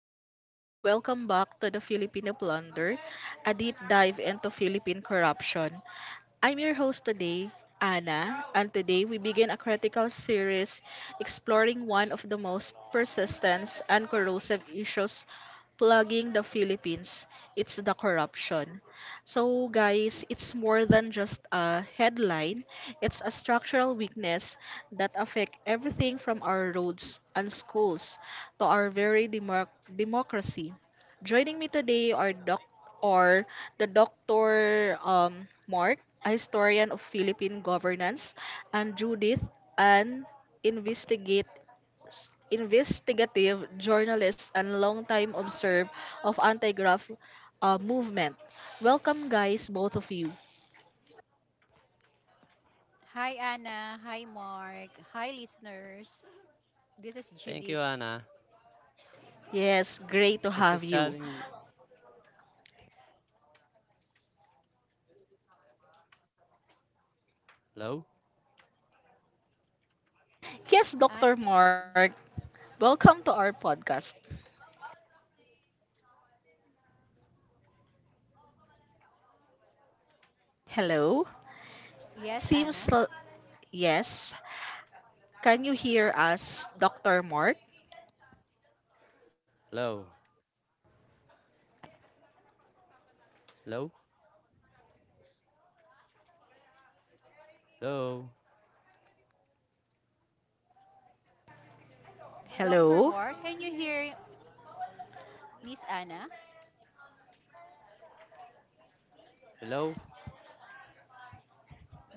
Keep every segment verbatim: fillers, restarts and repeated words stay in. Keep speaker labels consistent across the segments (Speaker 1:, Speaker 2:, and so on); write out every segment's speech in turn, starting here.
Speaker 1: Everyone, welcome back to the Filipino Plunder, a deep dive into Philippine corruption. I'm your host today, Anna, and today we begin a critical series exploring one of the most persistent and corrosive issues plaguing the Philippines. It's the corruption. So, guys, it's more than just a headline, it's a structural weakness that affects everything from our roads and schools to our very democ- democracy. Joining me today are doc or the doctor Um, Mark, a historian of Philippine governance, and Judith, an investigate s- investigative journalist and longtime observer of anti-graft uh, movement. Welcome, guys, both of you.
Speaker 2: Hi, Anna. Hi, Mark. Hi, listeners. This is
Speaker 3: Thank you,
Speaker 2: Judith.
Speaker 3: Anna.
Speaker 1: Yes, great to
Speaker 3: It's a
Speaker 1: have you.
Speaker 3: challenge. Low,
Speaker 1: Yes,
Speaker 2: Uh,
Speaker 1: doctor Mark, welcome to our podcast. Hello.
Speaker 2: yes,
Speaker 1: Seems
Speaker 2: Anna.
Speaker 1: l- yes. Can you hear us, doctor Mark?
Speaker 3: low, low, low,
Speaker 2: Doctor
Speaker 1: Hello.
Speaker 2: Mark, can you hear Miss Anna?
Speaker 3: low,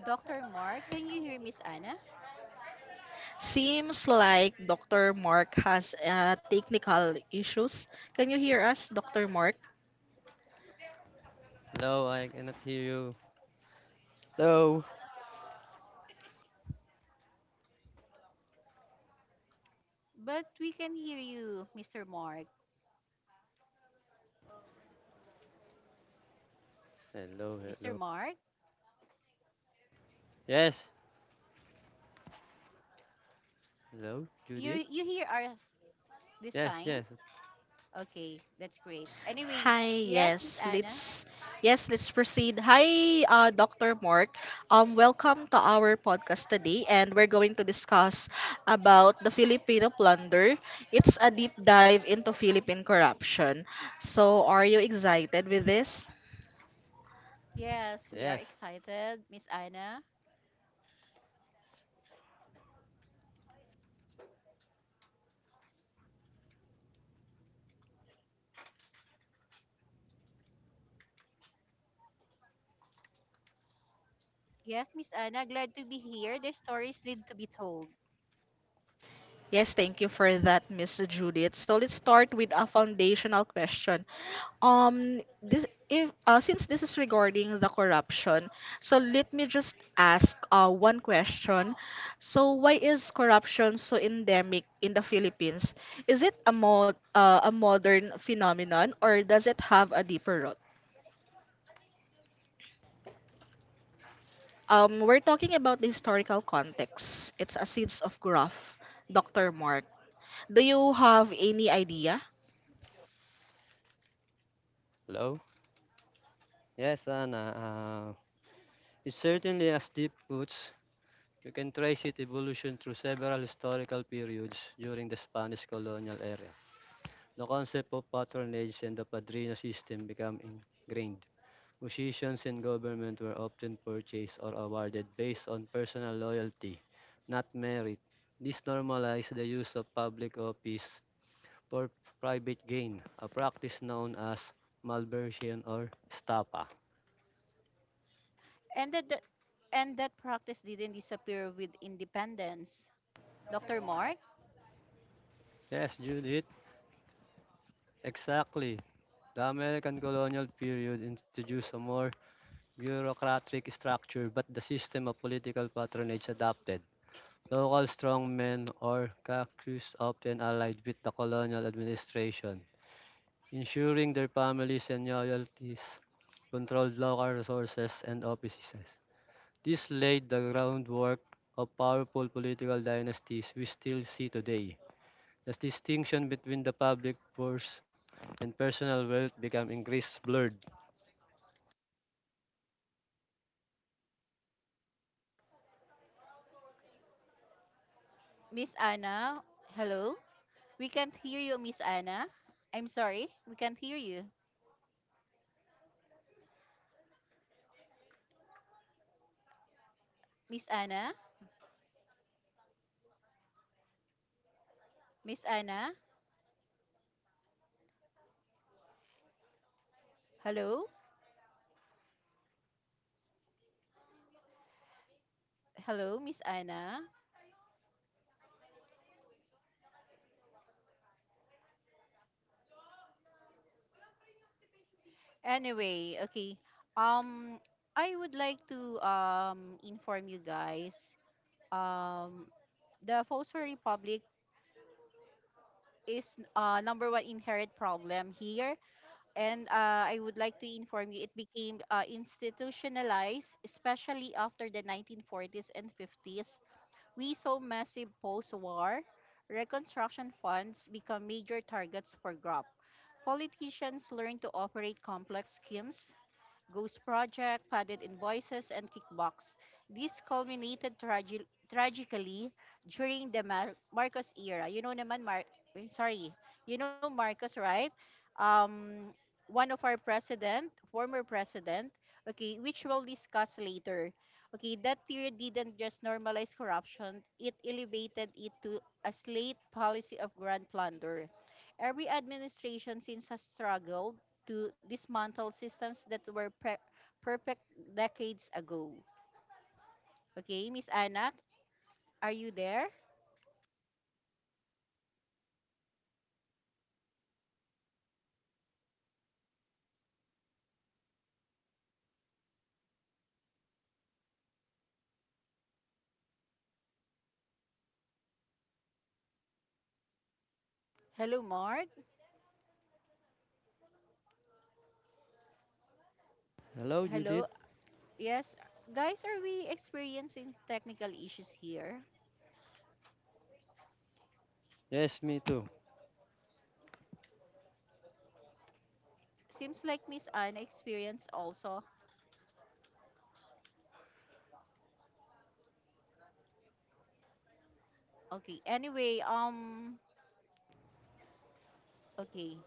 Speaker 2: Doctor Mark, can you hear Miss Anna?
Speaker 1: Seems like doctor Mark has uh, technical issues. Can you hear us, doctor Mark?
Speaker 3: low. I cannot hear you. Low.
Speaker 2: But we can hear you, Mister Mark.
Speaker 3: Hello,
Speaker 2: Mister
Speaker 3: hello.
Speaker 2: Mark,
Speaker 3: Yes. Hello,
Speaker 2: you
Speaker 3: Judith.
Speaker 2: you hear us this
Speaker 3: Yes, yes,
Speaker 2: time? Okay, that's great. Anyway,
Speaker 1: Hi.
Speaker 2: yes, Miss
Speaker 1: Yes.
Speaker 2: Anna.
Speaker 1: Let's yes. Let's proceed. Hi, uh, doctor Mark. Um, welcome to our podcast today, and we're going to discuss about the Filipino plunder. It's a deep dive into Philippine corruption. So, are you excited with this?
Speaker 2: Yes, we are
Speaker 3: yes.
Speaker 2: excited, Miss Anna. Yes, Miss Anna, glad to be here. The stories need to be told.
Speaker 1: Yes, thank you for that, Miss Judith. So let's start with a foundational question. Um, this if uh, since this is regarding the corruption, so let me just ask uh, one question. So why is corruption so endemic in the Philippines? Is it a mod uh, a modern phenomenon, or does it have a deeper root? Um, we're talking about the historical context. It's a seeds of growth, doctor Mark. Do you have any idea?
Speaker 3: Hello. Yes, Anna. Uh, it certainly has deep roots. You can trace its evolution through several historical periods during the Spanish colonial era. The concept of patronage and the padrino system became ingrained. Positions in government were often purchased or awarded based on personal loyalty, not merit. This normalized the use of public office for private gain, a practice known as malversion or stapa.
Speaker 2: And that, that and that practice didn't disappear with independence. Doctor Mark,
Speaker 3: Yes, Judith, exactly. The American colonial period introduced a more bureaucratic structure, but the system of political patronage adapted. Local strongmen or caciques often allied with the colonial administration, ensuring their families and loyalties controlled local resources and offices. This laid the groundwork of powerful political dynasties we still see today. The distinction between the public purse and personal wealth became increasingly blurred.
Speaker 1: So it's a legacy of inherited systems. Um,
Speaker 2: Miss
Speaker 1: Judith, from a
Speaker 2: Anna,
Speaker 1: journalist.
Speaker 2: hello. We can't hear
Speaker 1: Yes,
Speaker 2: you, Miss Anna. I'm sorry, we can't hear
Speaker 1: I'm
Speaker 2: you.
Speaker 1: s- okay. I'm sorry for that. Hello, can you hear me now?
Speaker 2: Miss Anna, Miss Anna,
Speaker 1: Hello, can you hear me now?
Speaker 2: hello,
Speaker 1: Hello,
Speaker 2: hello, Miss Anna.
Speaker 1: hello.
Speaker 2: Anyway, okay. Um, I would like to um inform you guys. Um, the Fosfor Republic is uh number one inherent problem here. And uh, I would like to inform you, it became uh, institutionalized, especially after the nineteen forties and fifties. We saw massive post war reconstruction funds become major targets for grop. Politicians learned to operate complex schemes Ghost Project, Padded Invoices, and Kickbox. This culminated tragi- tragically during the Mar- Marcos era. You know naman, Mar- I'm sorry, you know Marcos, right? Um, One of our president, former president, okay, which we'll discuss later. Okay, that period didn't just normalize corruption, it elevated it to a slate policy of grand plunder. Every administration since has struggled to dismantle systems that were pre- perfect decades ago. Okay, Miss Anak,
Speaker 1: Oh,
Speaker 2: are you there?
Speaker 1: that paints a grim picture of systematic. Pic- Hello,
Speaker 2: Hello, Mark.
Speaker 3: Hello,
Speaker 2: Hello.
Speaker 3: Judith.
Speaker 2: Yes, guys, are we experiencing technical issues here?
Speaker 3: Yes, me too.
Speaker 2: Seems like Miss Anna experienced also.
Speaker 1: hello,
Speaker 2: Okay. Anyway, um, okay.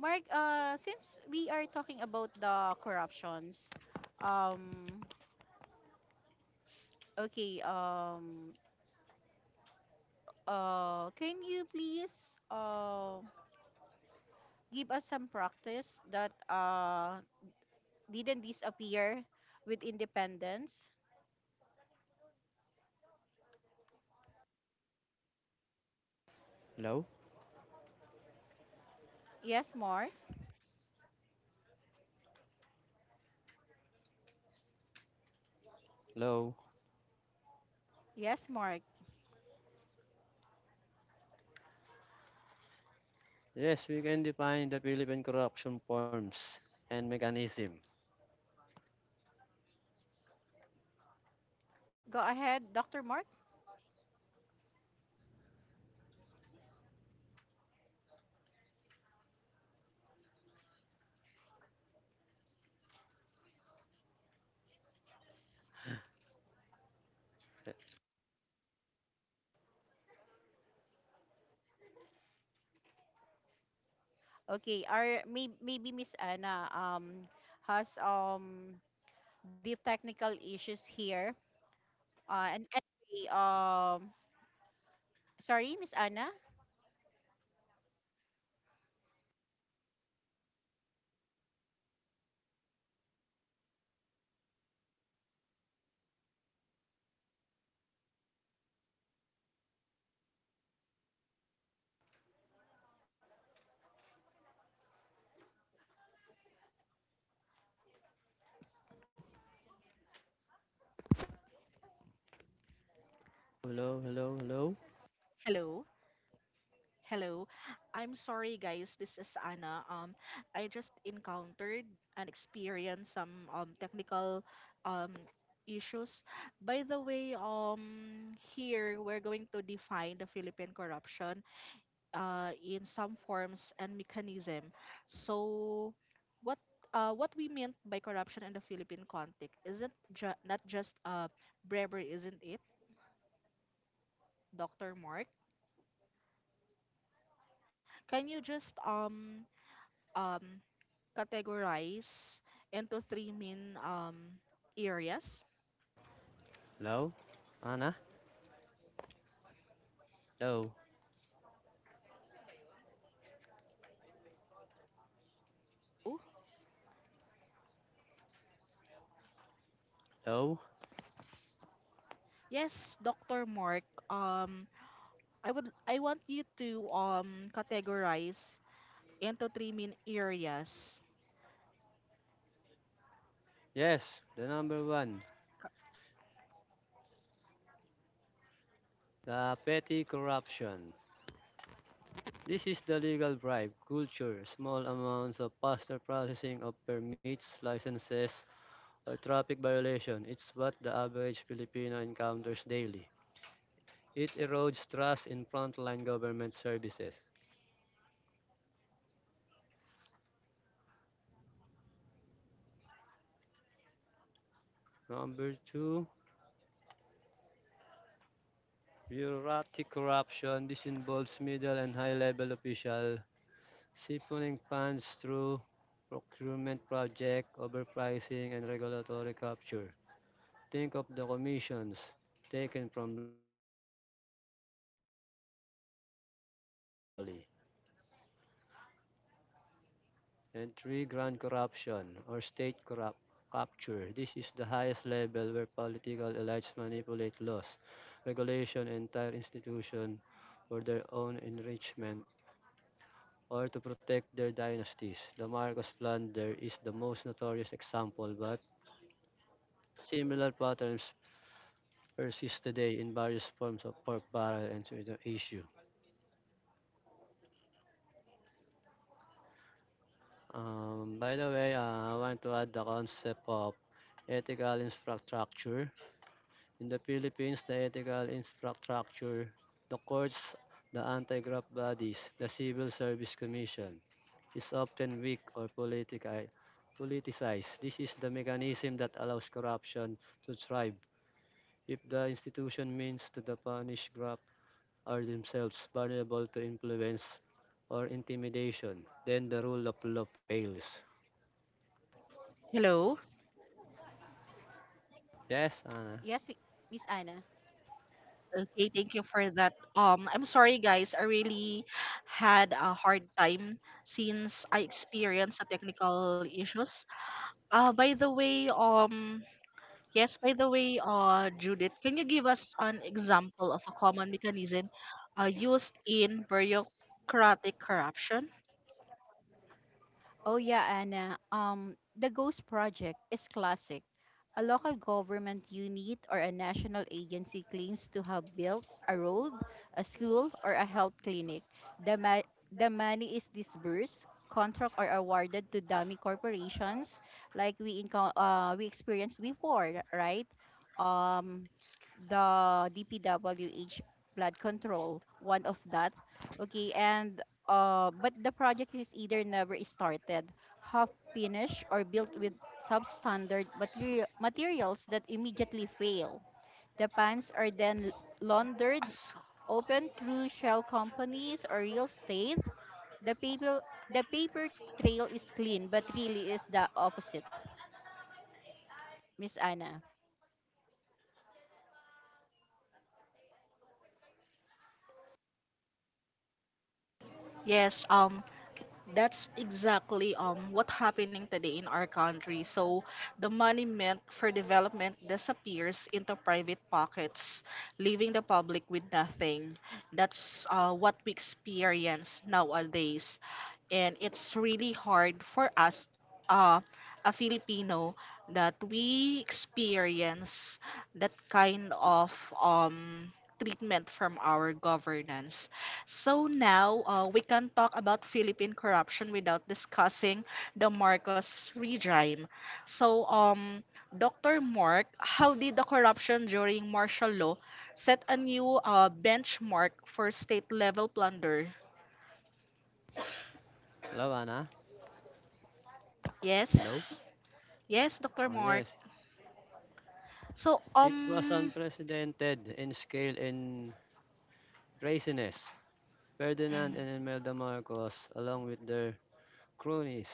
Speaker 2: Mark, uh, since we are talking about the corruptions, um, okay, um,
Speaker 1: hello,
Speaker 2: uh, can you please, uh. give us some practice that uh, didn't disappear with independence.
Speaker 3: Hello?
Speaker 2: Yes, Mark.
Speaker 3: Hello?
Speaker 1: hello,
Speaker 2: Yes, Mark.
Speaker 1: guys. Hello,
Speaker 3: Yes, we can define the Philippine corruption forms and mechanism.
Speaker 2: Go ahead, Doctor Mark.
Speaker 1: hello, hello,
Speaker 2: Okay, or may, maybe Miss Anna um, has um, the technical issues here. Uh, and anyway, um, sorry, Miss Anna.
Speaker 1: hello, hello,
Speaker 3: Hello, hello, hello.
Speaker 2: Hello. Hello. I'm sorry guys, this is Anna. Um I just encountered and experienced some um technical um issues. By the way, um here we're going to define the Philippine corruption uh in some forms and mechanism. So what uh, what we meant by corruption in the Philippine context isn't ju- not just uh, bribery, isn't it, Doctor Mark? Can you just um um categorize into three main um, areas.
Speaker 3: Hello? Anna? Hello?
Speaker 2: Oh,
Speaker 3: Hello?
Speaker 2: yes, Doctor Mark, um, I would I want you to um, categorize into three main areas.
Speaker 3: Yes, the number one, the petty corruption. This is the legal bribe culture. Small amounts of faster processing of permits, licenses, or traffic violation. It's what the average Filipino encounters daily. It erodes trust in frontline government services. Number two, bureaucratic corruption. This involves middle and high-level officials siphoning funds through procurement project, overpricing, and regulatory capture. Think of the commissions taken from large infrastructure projects. This is where billions are lost annually. And three, grand corruption or state corrupt capture. This is the highest level where political elites manipulate laws, regulation, and entire institution for their own enrichment or to protect their dynasties. The Marcos plunder is the most notorious example, but similar patterns persist today in various forms of pork barrel and sweetener issue.
Speaker 1: hello.
Speaker 3: Um, by the way, uh, I want to add the concept of ethical infrastructure. In the Philippines, the ethical infrastructure, the courts, the anti-graft bodies, the Civil Service Commission, is often weak or politica- politicized. This is the mechanism that allows corruption to thrive. If the institution means to the punished graft are themselves vulnerable to influence or intimidation, then the rule of law fails.
Speaker 1: Hello.
Speaker 3: Yes, Anna.
Speaker 2: Yes, Mi- Miss Anna.
Speaker 1: Okay, thank you for that. Um, I'm sorry, guys. I really had a hard time since I experienced the technical issues. Uh, by the way, um, yes, by the way, uh, Judith, can you give us an example of a common mechanism uh, used in bureaucratic corruption?
Speaker 2: Oh yeah, Anna. Um, the GHOST project is classic. A local government unit or a national agency claims to have built a road, a school, or a health clinic. The, ma- the money is disbursed, contract are awarded to dummy corporations, like we inco- uh, we experienced before, right? Um, the D P W H blood control, one of that. Okay, and uh, but the project is either never started, half finished, or built with substandard material, materials that immediately fail. The pans are then laundered
Speaker 1: So,
Speaker 2: open through shell companies or real estate. The paper, the paper trail is clean, but really is the opposite, Miss Anna.
Speaker 1: yes. Um, That's exactly um what happening today in our country. So the money meant for development disappears into private pockets, leaving the public with nothing. That's uh, what we experience nowadays, and it's really hard for us, uh, a filipino, that we experience that kind of um treatment from our governance. So now, uh, we can talk about Philippine corruption without discussing the Marcos regime. So, um Dr. Mark, how did the corruption during martial law set a new uh, benchmark for state level plunder?
Speaker 3: Hello, Anna. Hello.
Speaker 1: yes Yes, doctor
Speaker 3: Oh,
Speaker 1: Mark.
Speaker 3: yes.
Speaker 1: So,
Speaker 3: It was
Speaker 1: um,
Speaker 3: unprecedented in scale and craziness. Ferdinand
Speaker 1: mm,
Speaker 3: and Imelda Marcos, along with their cronies,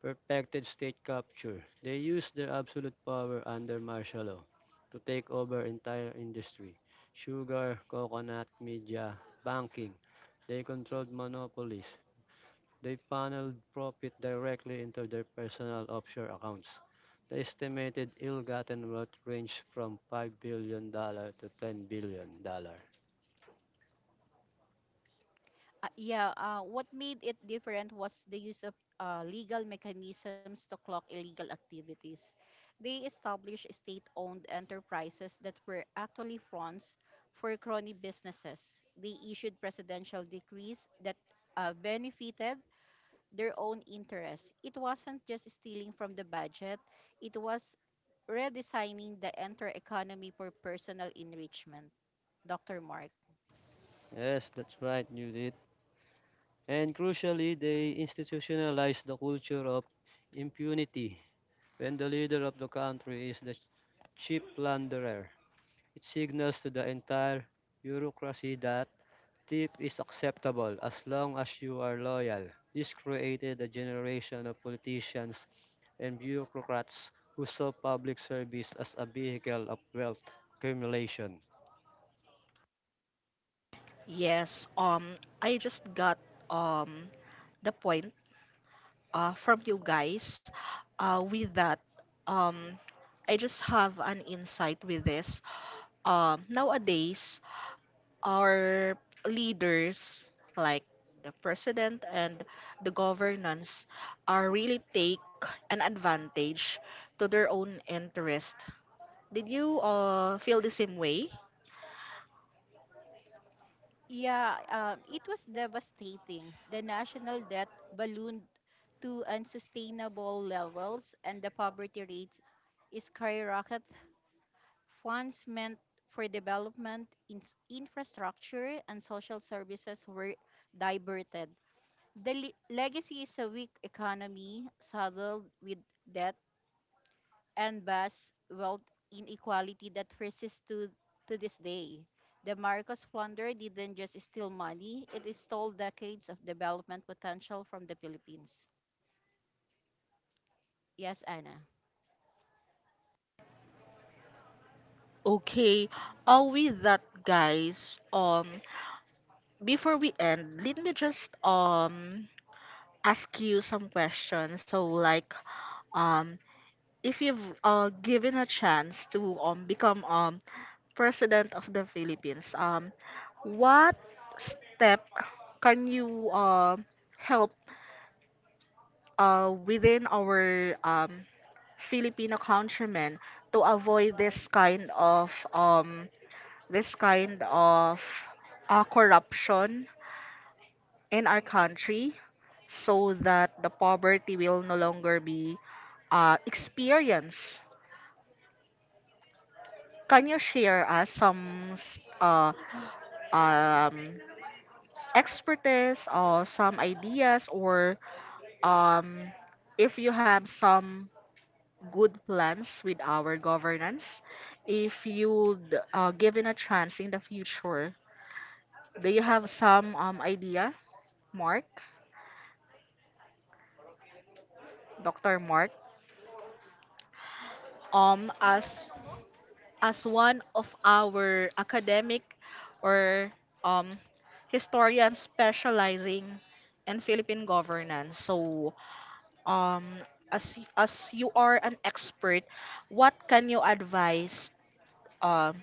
Speaker 3: perfected state capture. They used their absolute power under martial law to take over entire industry. Sugar, coconut, media, banking. They controlled monopolies. They funneled profit directly into their personal offshore accounts. The estimated ill-gotten wealth ranged from $5 billion dollars to ten billion dollars. Dollars.
Speaker 2: Uh, yeah, uh, what made it different was the use of uh, legal mechanisms to clock illegal activities. They established state owned enterprises that were actually fronts for crony businesses. They issued presidential decrees that uh, benefited their own interests. It wasn't just stealing from the budget, it was redesigning the entire economy for personal enrichment. Doctor Mark.
Speaker 3: Yes, that's right, you did. And crucially, they institutionalized the culture of impunity. When the leader of the country is the chief plunderer, it signals to the entire bureaucracy that Tip is acceptable as long as you are loyal. This created a generation of politicians and bureaucrats who saw public service as a vehicle of wealth accumulation.
Speaker 1: yes, um, I just got um the point uh from you guys. Uh, with that, um, I just have an insight with this. Um, nowadays, our leaders, like the president and the governance, are really take an advantage to their own interest. Did you uh feel the same way?
Speaker 2: Yeah, um, it was devastating. The national debt ballooned to unsustainable levels, and the poverty rates skyrocketed. Funds meant for development, in- infrastructure, and social services were diverted. The le- legacy is a weak economy saddled with debt and vast wealth inequality that persists to, to this day. The Marcos plunder didn't just steal money, it stole decades of development potential from the Philippines. Yes, Anna.
Speaker 1: Okay, uh, with that, guys, um, before we end, let me just um ask you some questions. So, like, um, if you've uh given a chance to um become um president of the Philippines, um, what step can you um help uh within our um Filipino countrymen to avoid this kind of um this kind of uh, corruption in our country, so that the poverty will no longer be uh, experienced? Can you share us some s- uh, um, expertise or some ideas, or, um, if you have some good plans with our governance, if you'd uh, given a chance in the future, do you have some, um, idea, Mark? doctor Mark? um as as one of our academic or um historians specializing in Philippine governance. So, um as as you are an expert, what can you advise um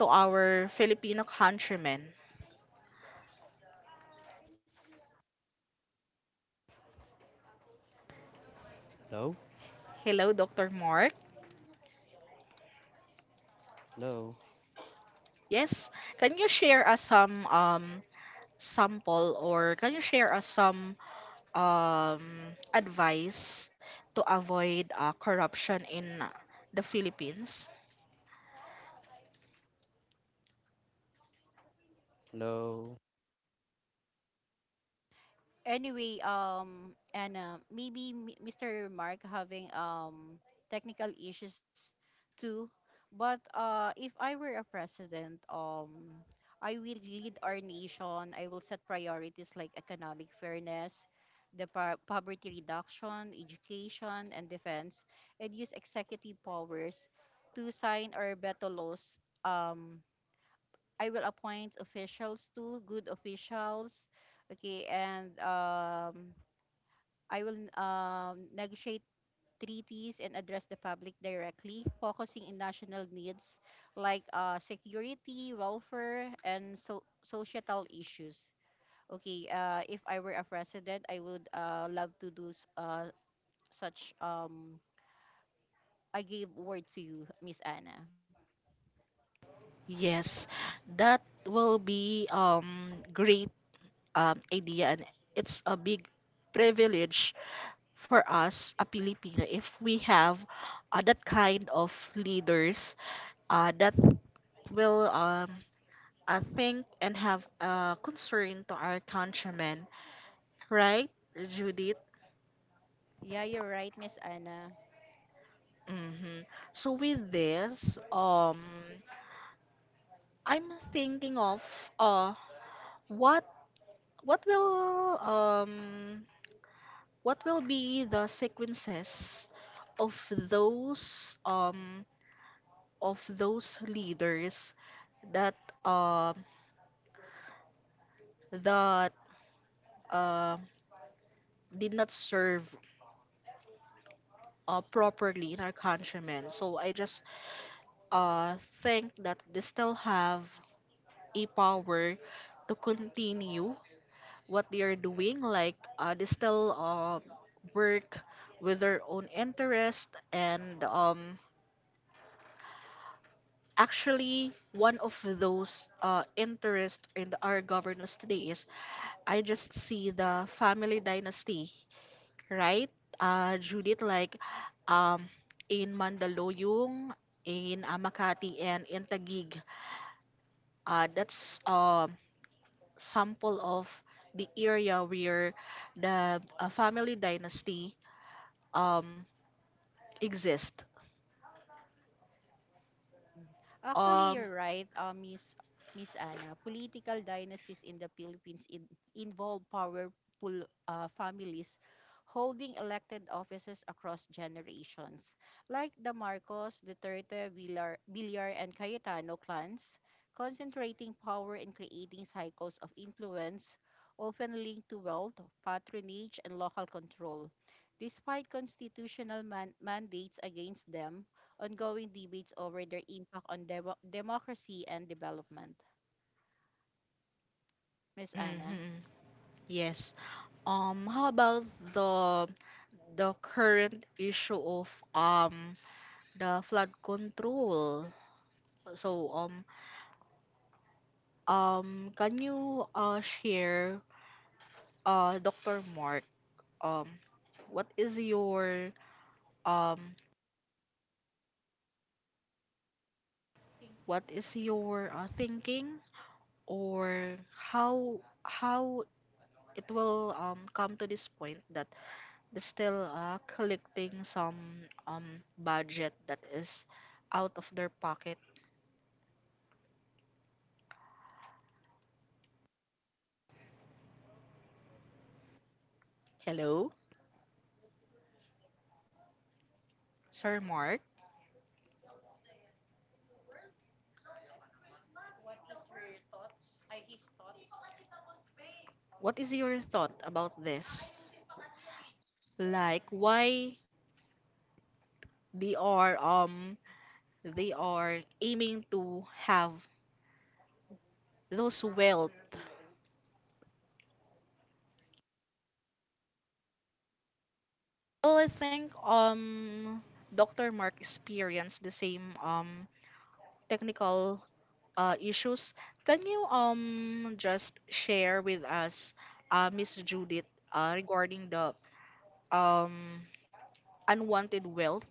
Speaker 1: to our Filipino countrymen?
Speaker 3: Low,
Speaker 1: Hello, doctor Mark.
Speaker 3: low,
Speaker 1: Yes, can you share us some um sample, or can you share us some um, advice to avoid uh, corruption in uh, the Philippines.
Speaker 3: low.
Speaker 2: Anyway, um, Anna, maybe M- Mister Mark having um technical issues too. But uh, if I were a president, um, I will lead our nation. I will set priorities like economic fairness, the po- poverty reduction, education, and defense, and use executive powers to sign or veto laws um I will appoint officials too, good officials. Okay, and um, I will um, negotiate treaties and address the public directly, focusing in national needs like uh, security, welfare, and so- societal issues. Okay, uh, if I were a president, I would uh, love to do s- uh, such. Um, I gave word to you, Miss Anna.
Speaker 1: Yes, that will be um, great um, idea, and it's a big privilege for us, a Filipino, if we have uh, that kind of leaders uh, that will um, uh, think and have uh, concern to our countrymen, right, Judith?
Speaker 2: Yeah, you're right, Miss Anna.
Speaker 1: Mm-hmm. So with this, um, I'm thinking of uh, what what will um what will be the sequences of those, um of those leaders that uh that uh, did not serve uh, properly in our countrymen. So I just uh think that they still have a power to continue what they are doing, like, uh, they still uh, work with their own interest. And, um, actually, one of those uh, interest in our governance today is, I just see the family dynasty, right? Uh, Judith, like, um, in Mandaluyong, in Amakati, and in Taguig. Uh, that's a sample of the area where the uh, family dynasty, um, exist.
Speaker 2: Mm. Actually,
Speaker 1: Um,
Speaker 2: you're right, uh, Miss Miss Anna. Political dynasties in the Philippines in, involve powerful uh, families holding elected offices across generations, like the Marcos, Duterte, Villar, Villar, and Cayetano clans, concentrating power and creating cycles of influence, often linked to wealth, patronage, and local control. Despite constitutional man- mandates against them, ongoing debates over their impact on demo- democracy and development. Miss Anna?
Speaker 1: mhm, yes. Um, how about the the current issue of um the flood control? So um um can you uh share, uh doctor Mark, um what is your um what is your uh, thinking, or how how it will um come to this point that still uh, collecting some um budget that is out of their pocket. Hello, Sir Mark. What is your thought about this? Like, why they are um they are aiming to have those wealth? Well, I think um doctor Mark experienced the same um technical uh, issues. Can you um just share with us, uh, Miss Judith, uh, regarding the um, unwanted wealth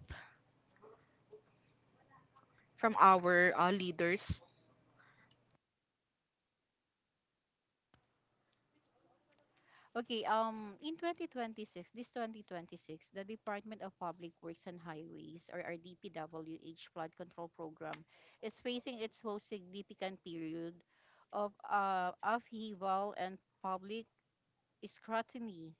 Speaker 1: from our uh, leaders.
Speaker 2: Okay, um, in twenty twenty-six, this twenty twenty-six, the Department of Public Works and Highways, or our D P W H flood control program, is facing its most significant period of uh, upheaval and public scrutiny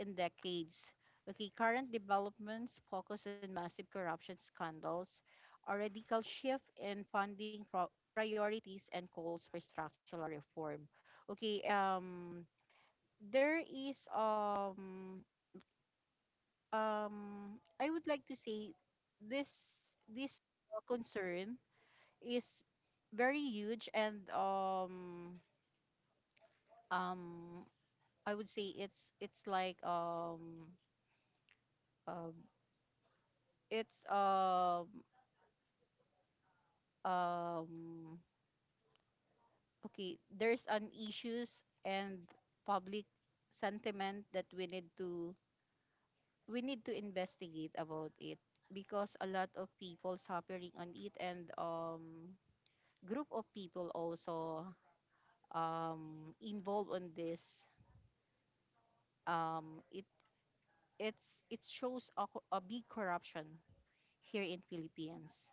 Speaker 2: in decades. Okay, current developments focus on massive corruption scandals, a radical shift in funding pro- priorities, and calls for structural reform. Okay, um, there is, um um I would like to say this this uh, concern is very huge, and um um I would say it's it's like, um uh, it's, um um okay, there's an issues and public sentiment that we need to we need to investigate about it, because a lot of people suffering on it, and um group of people also um involved on this. Um it it's it shows a, co- a big corruption here in Philippines.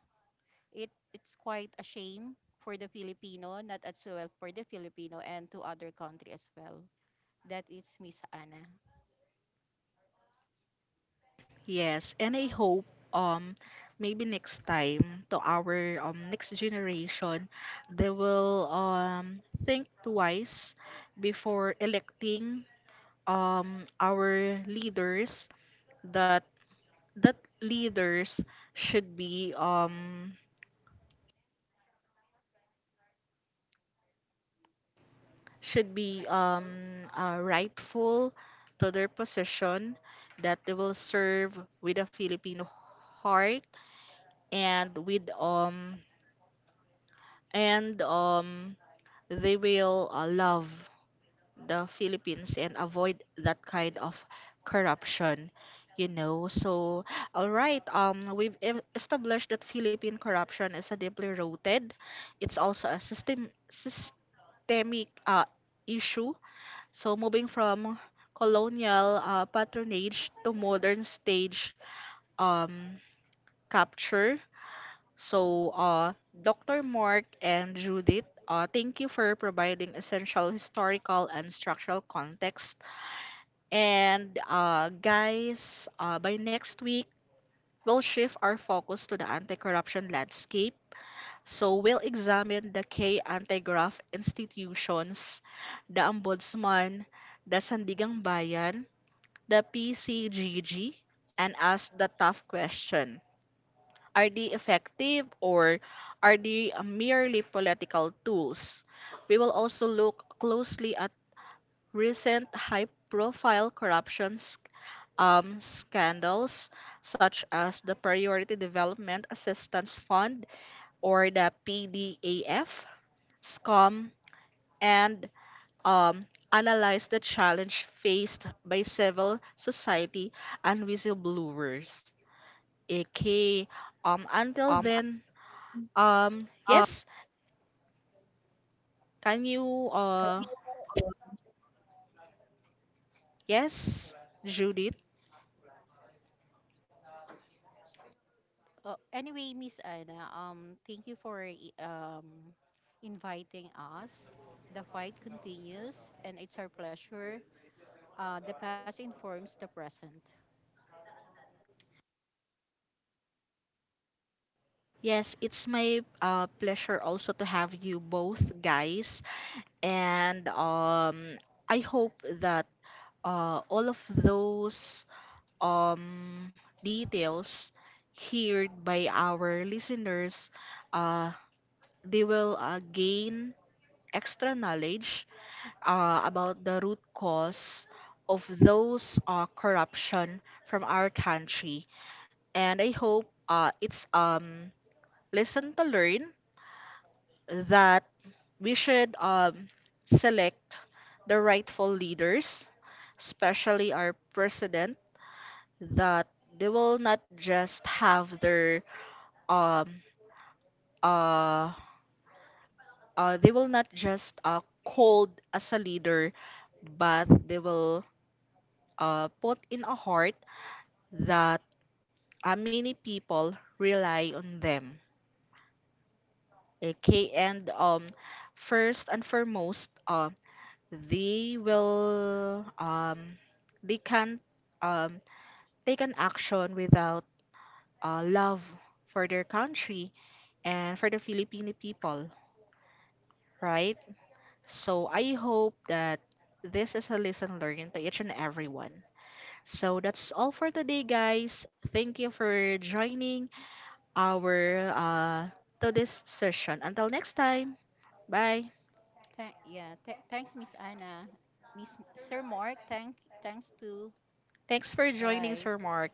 Speaker 2: It it's quite a shame for the Filipino, not as well for the Filipino and to other country as well. That is Miss Anna.
Speaker 1: Yes, and I hope, um maybe next time to our um next generation, they will um think twice before electing um our leaders, that, that leaders should be um should be um, uh, rightful to their position, that they will serve with a Filipino heart and with um and um they will uh, love the Philippines and avoid that kind of corruption, you know. So, all right, um we've e- established that Philippine corruption is a deeply rooted, it's also a system systemic uh, issue. So moving from colonial uh, patronage to modern stage um, capture. So, uh, doctor Mark and Judith, uh, thank you for providing essential historical and structural context. And, uh, guys, uh, by next week, we'll shift our focus to the anti-corruption landscape. So we'll examine the key anti-graft institutions, the ombudsman, the Sandigang Bayan, the P C G G, and ask the tough question. Are they effective, or are they merely political tools? We will also look closely at recent high profile corruption sc- um, scandals such as the Priority Development Assistance Fund, or the PDAF, SCOM, and, um, analyze the challenge faced by civil society and whistleblowers. Okay. Um
Speaker 3: Um,
Speaker 1: until then, um
Speaker 3: uh,
Speaker 1: yes, can you uh yes, Judith?
Speaker 2: Oh, anyway, Miss Anna, um, thank you for i- um, inviting us. The fight continues, and it's our pleasure. Uh, the past informs the present.
Speaker 1: Yes, it's my uh pleasure also to have you both guys, and um I hope that uh all of those um details heard by our listeners, uh they will uh, gain extra knowledge uh, about the root cause of those uh, corruption from our country. And I hope uh, it's um lesson to learn, that we should, um, select the rightful leaders, especially our president, that they will not just have their um uh, uh they will not just uh called as a leader, but they will uh put in a heart that uh, many people rely on them. Okay, and, um, first and foremost, uh, they will um, they can, um, take an action without uh, love for their country and for the Filipino people, right? So I hope that this is a lesson learned to each and everyone. So that's all for today, guys. Thank you for joining our uh to this session. Until next time. Bye.
Speaker 2: Tha- yeah, th- thanks, Miss Anna. Miss Sir Mark, thank thanks too.
Speaker 1: Thanks for joining, Sir
Speaker 2: Bye.
Speaker 1: Mark.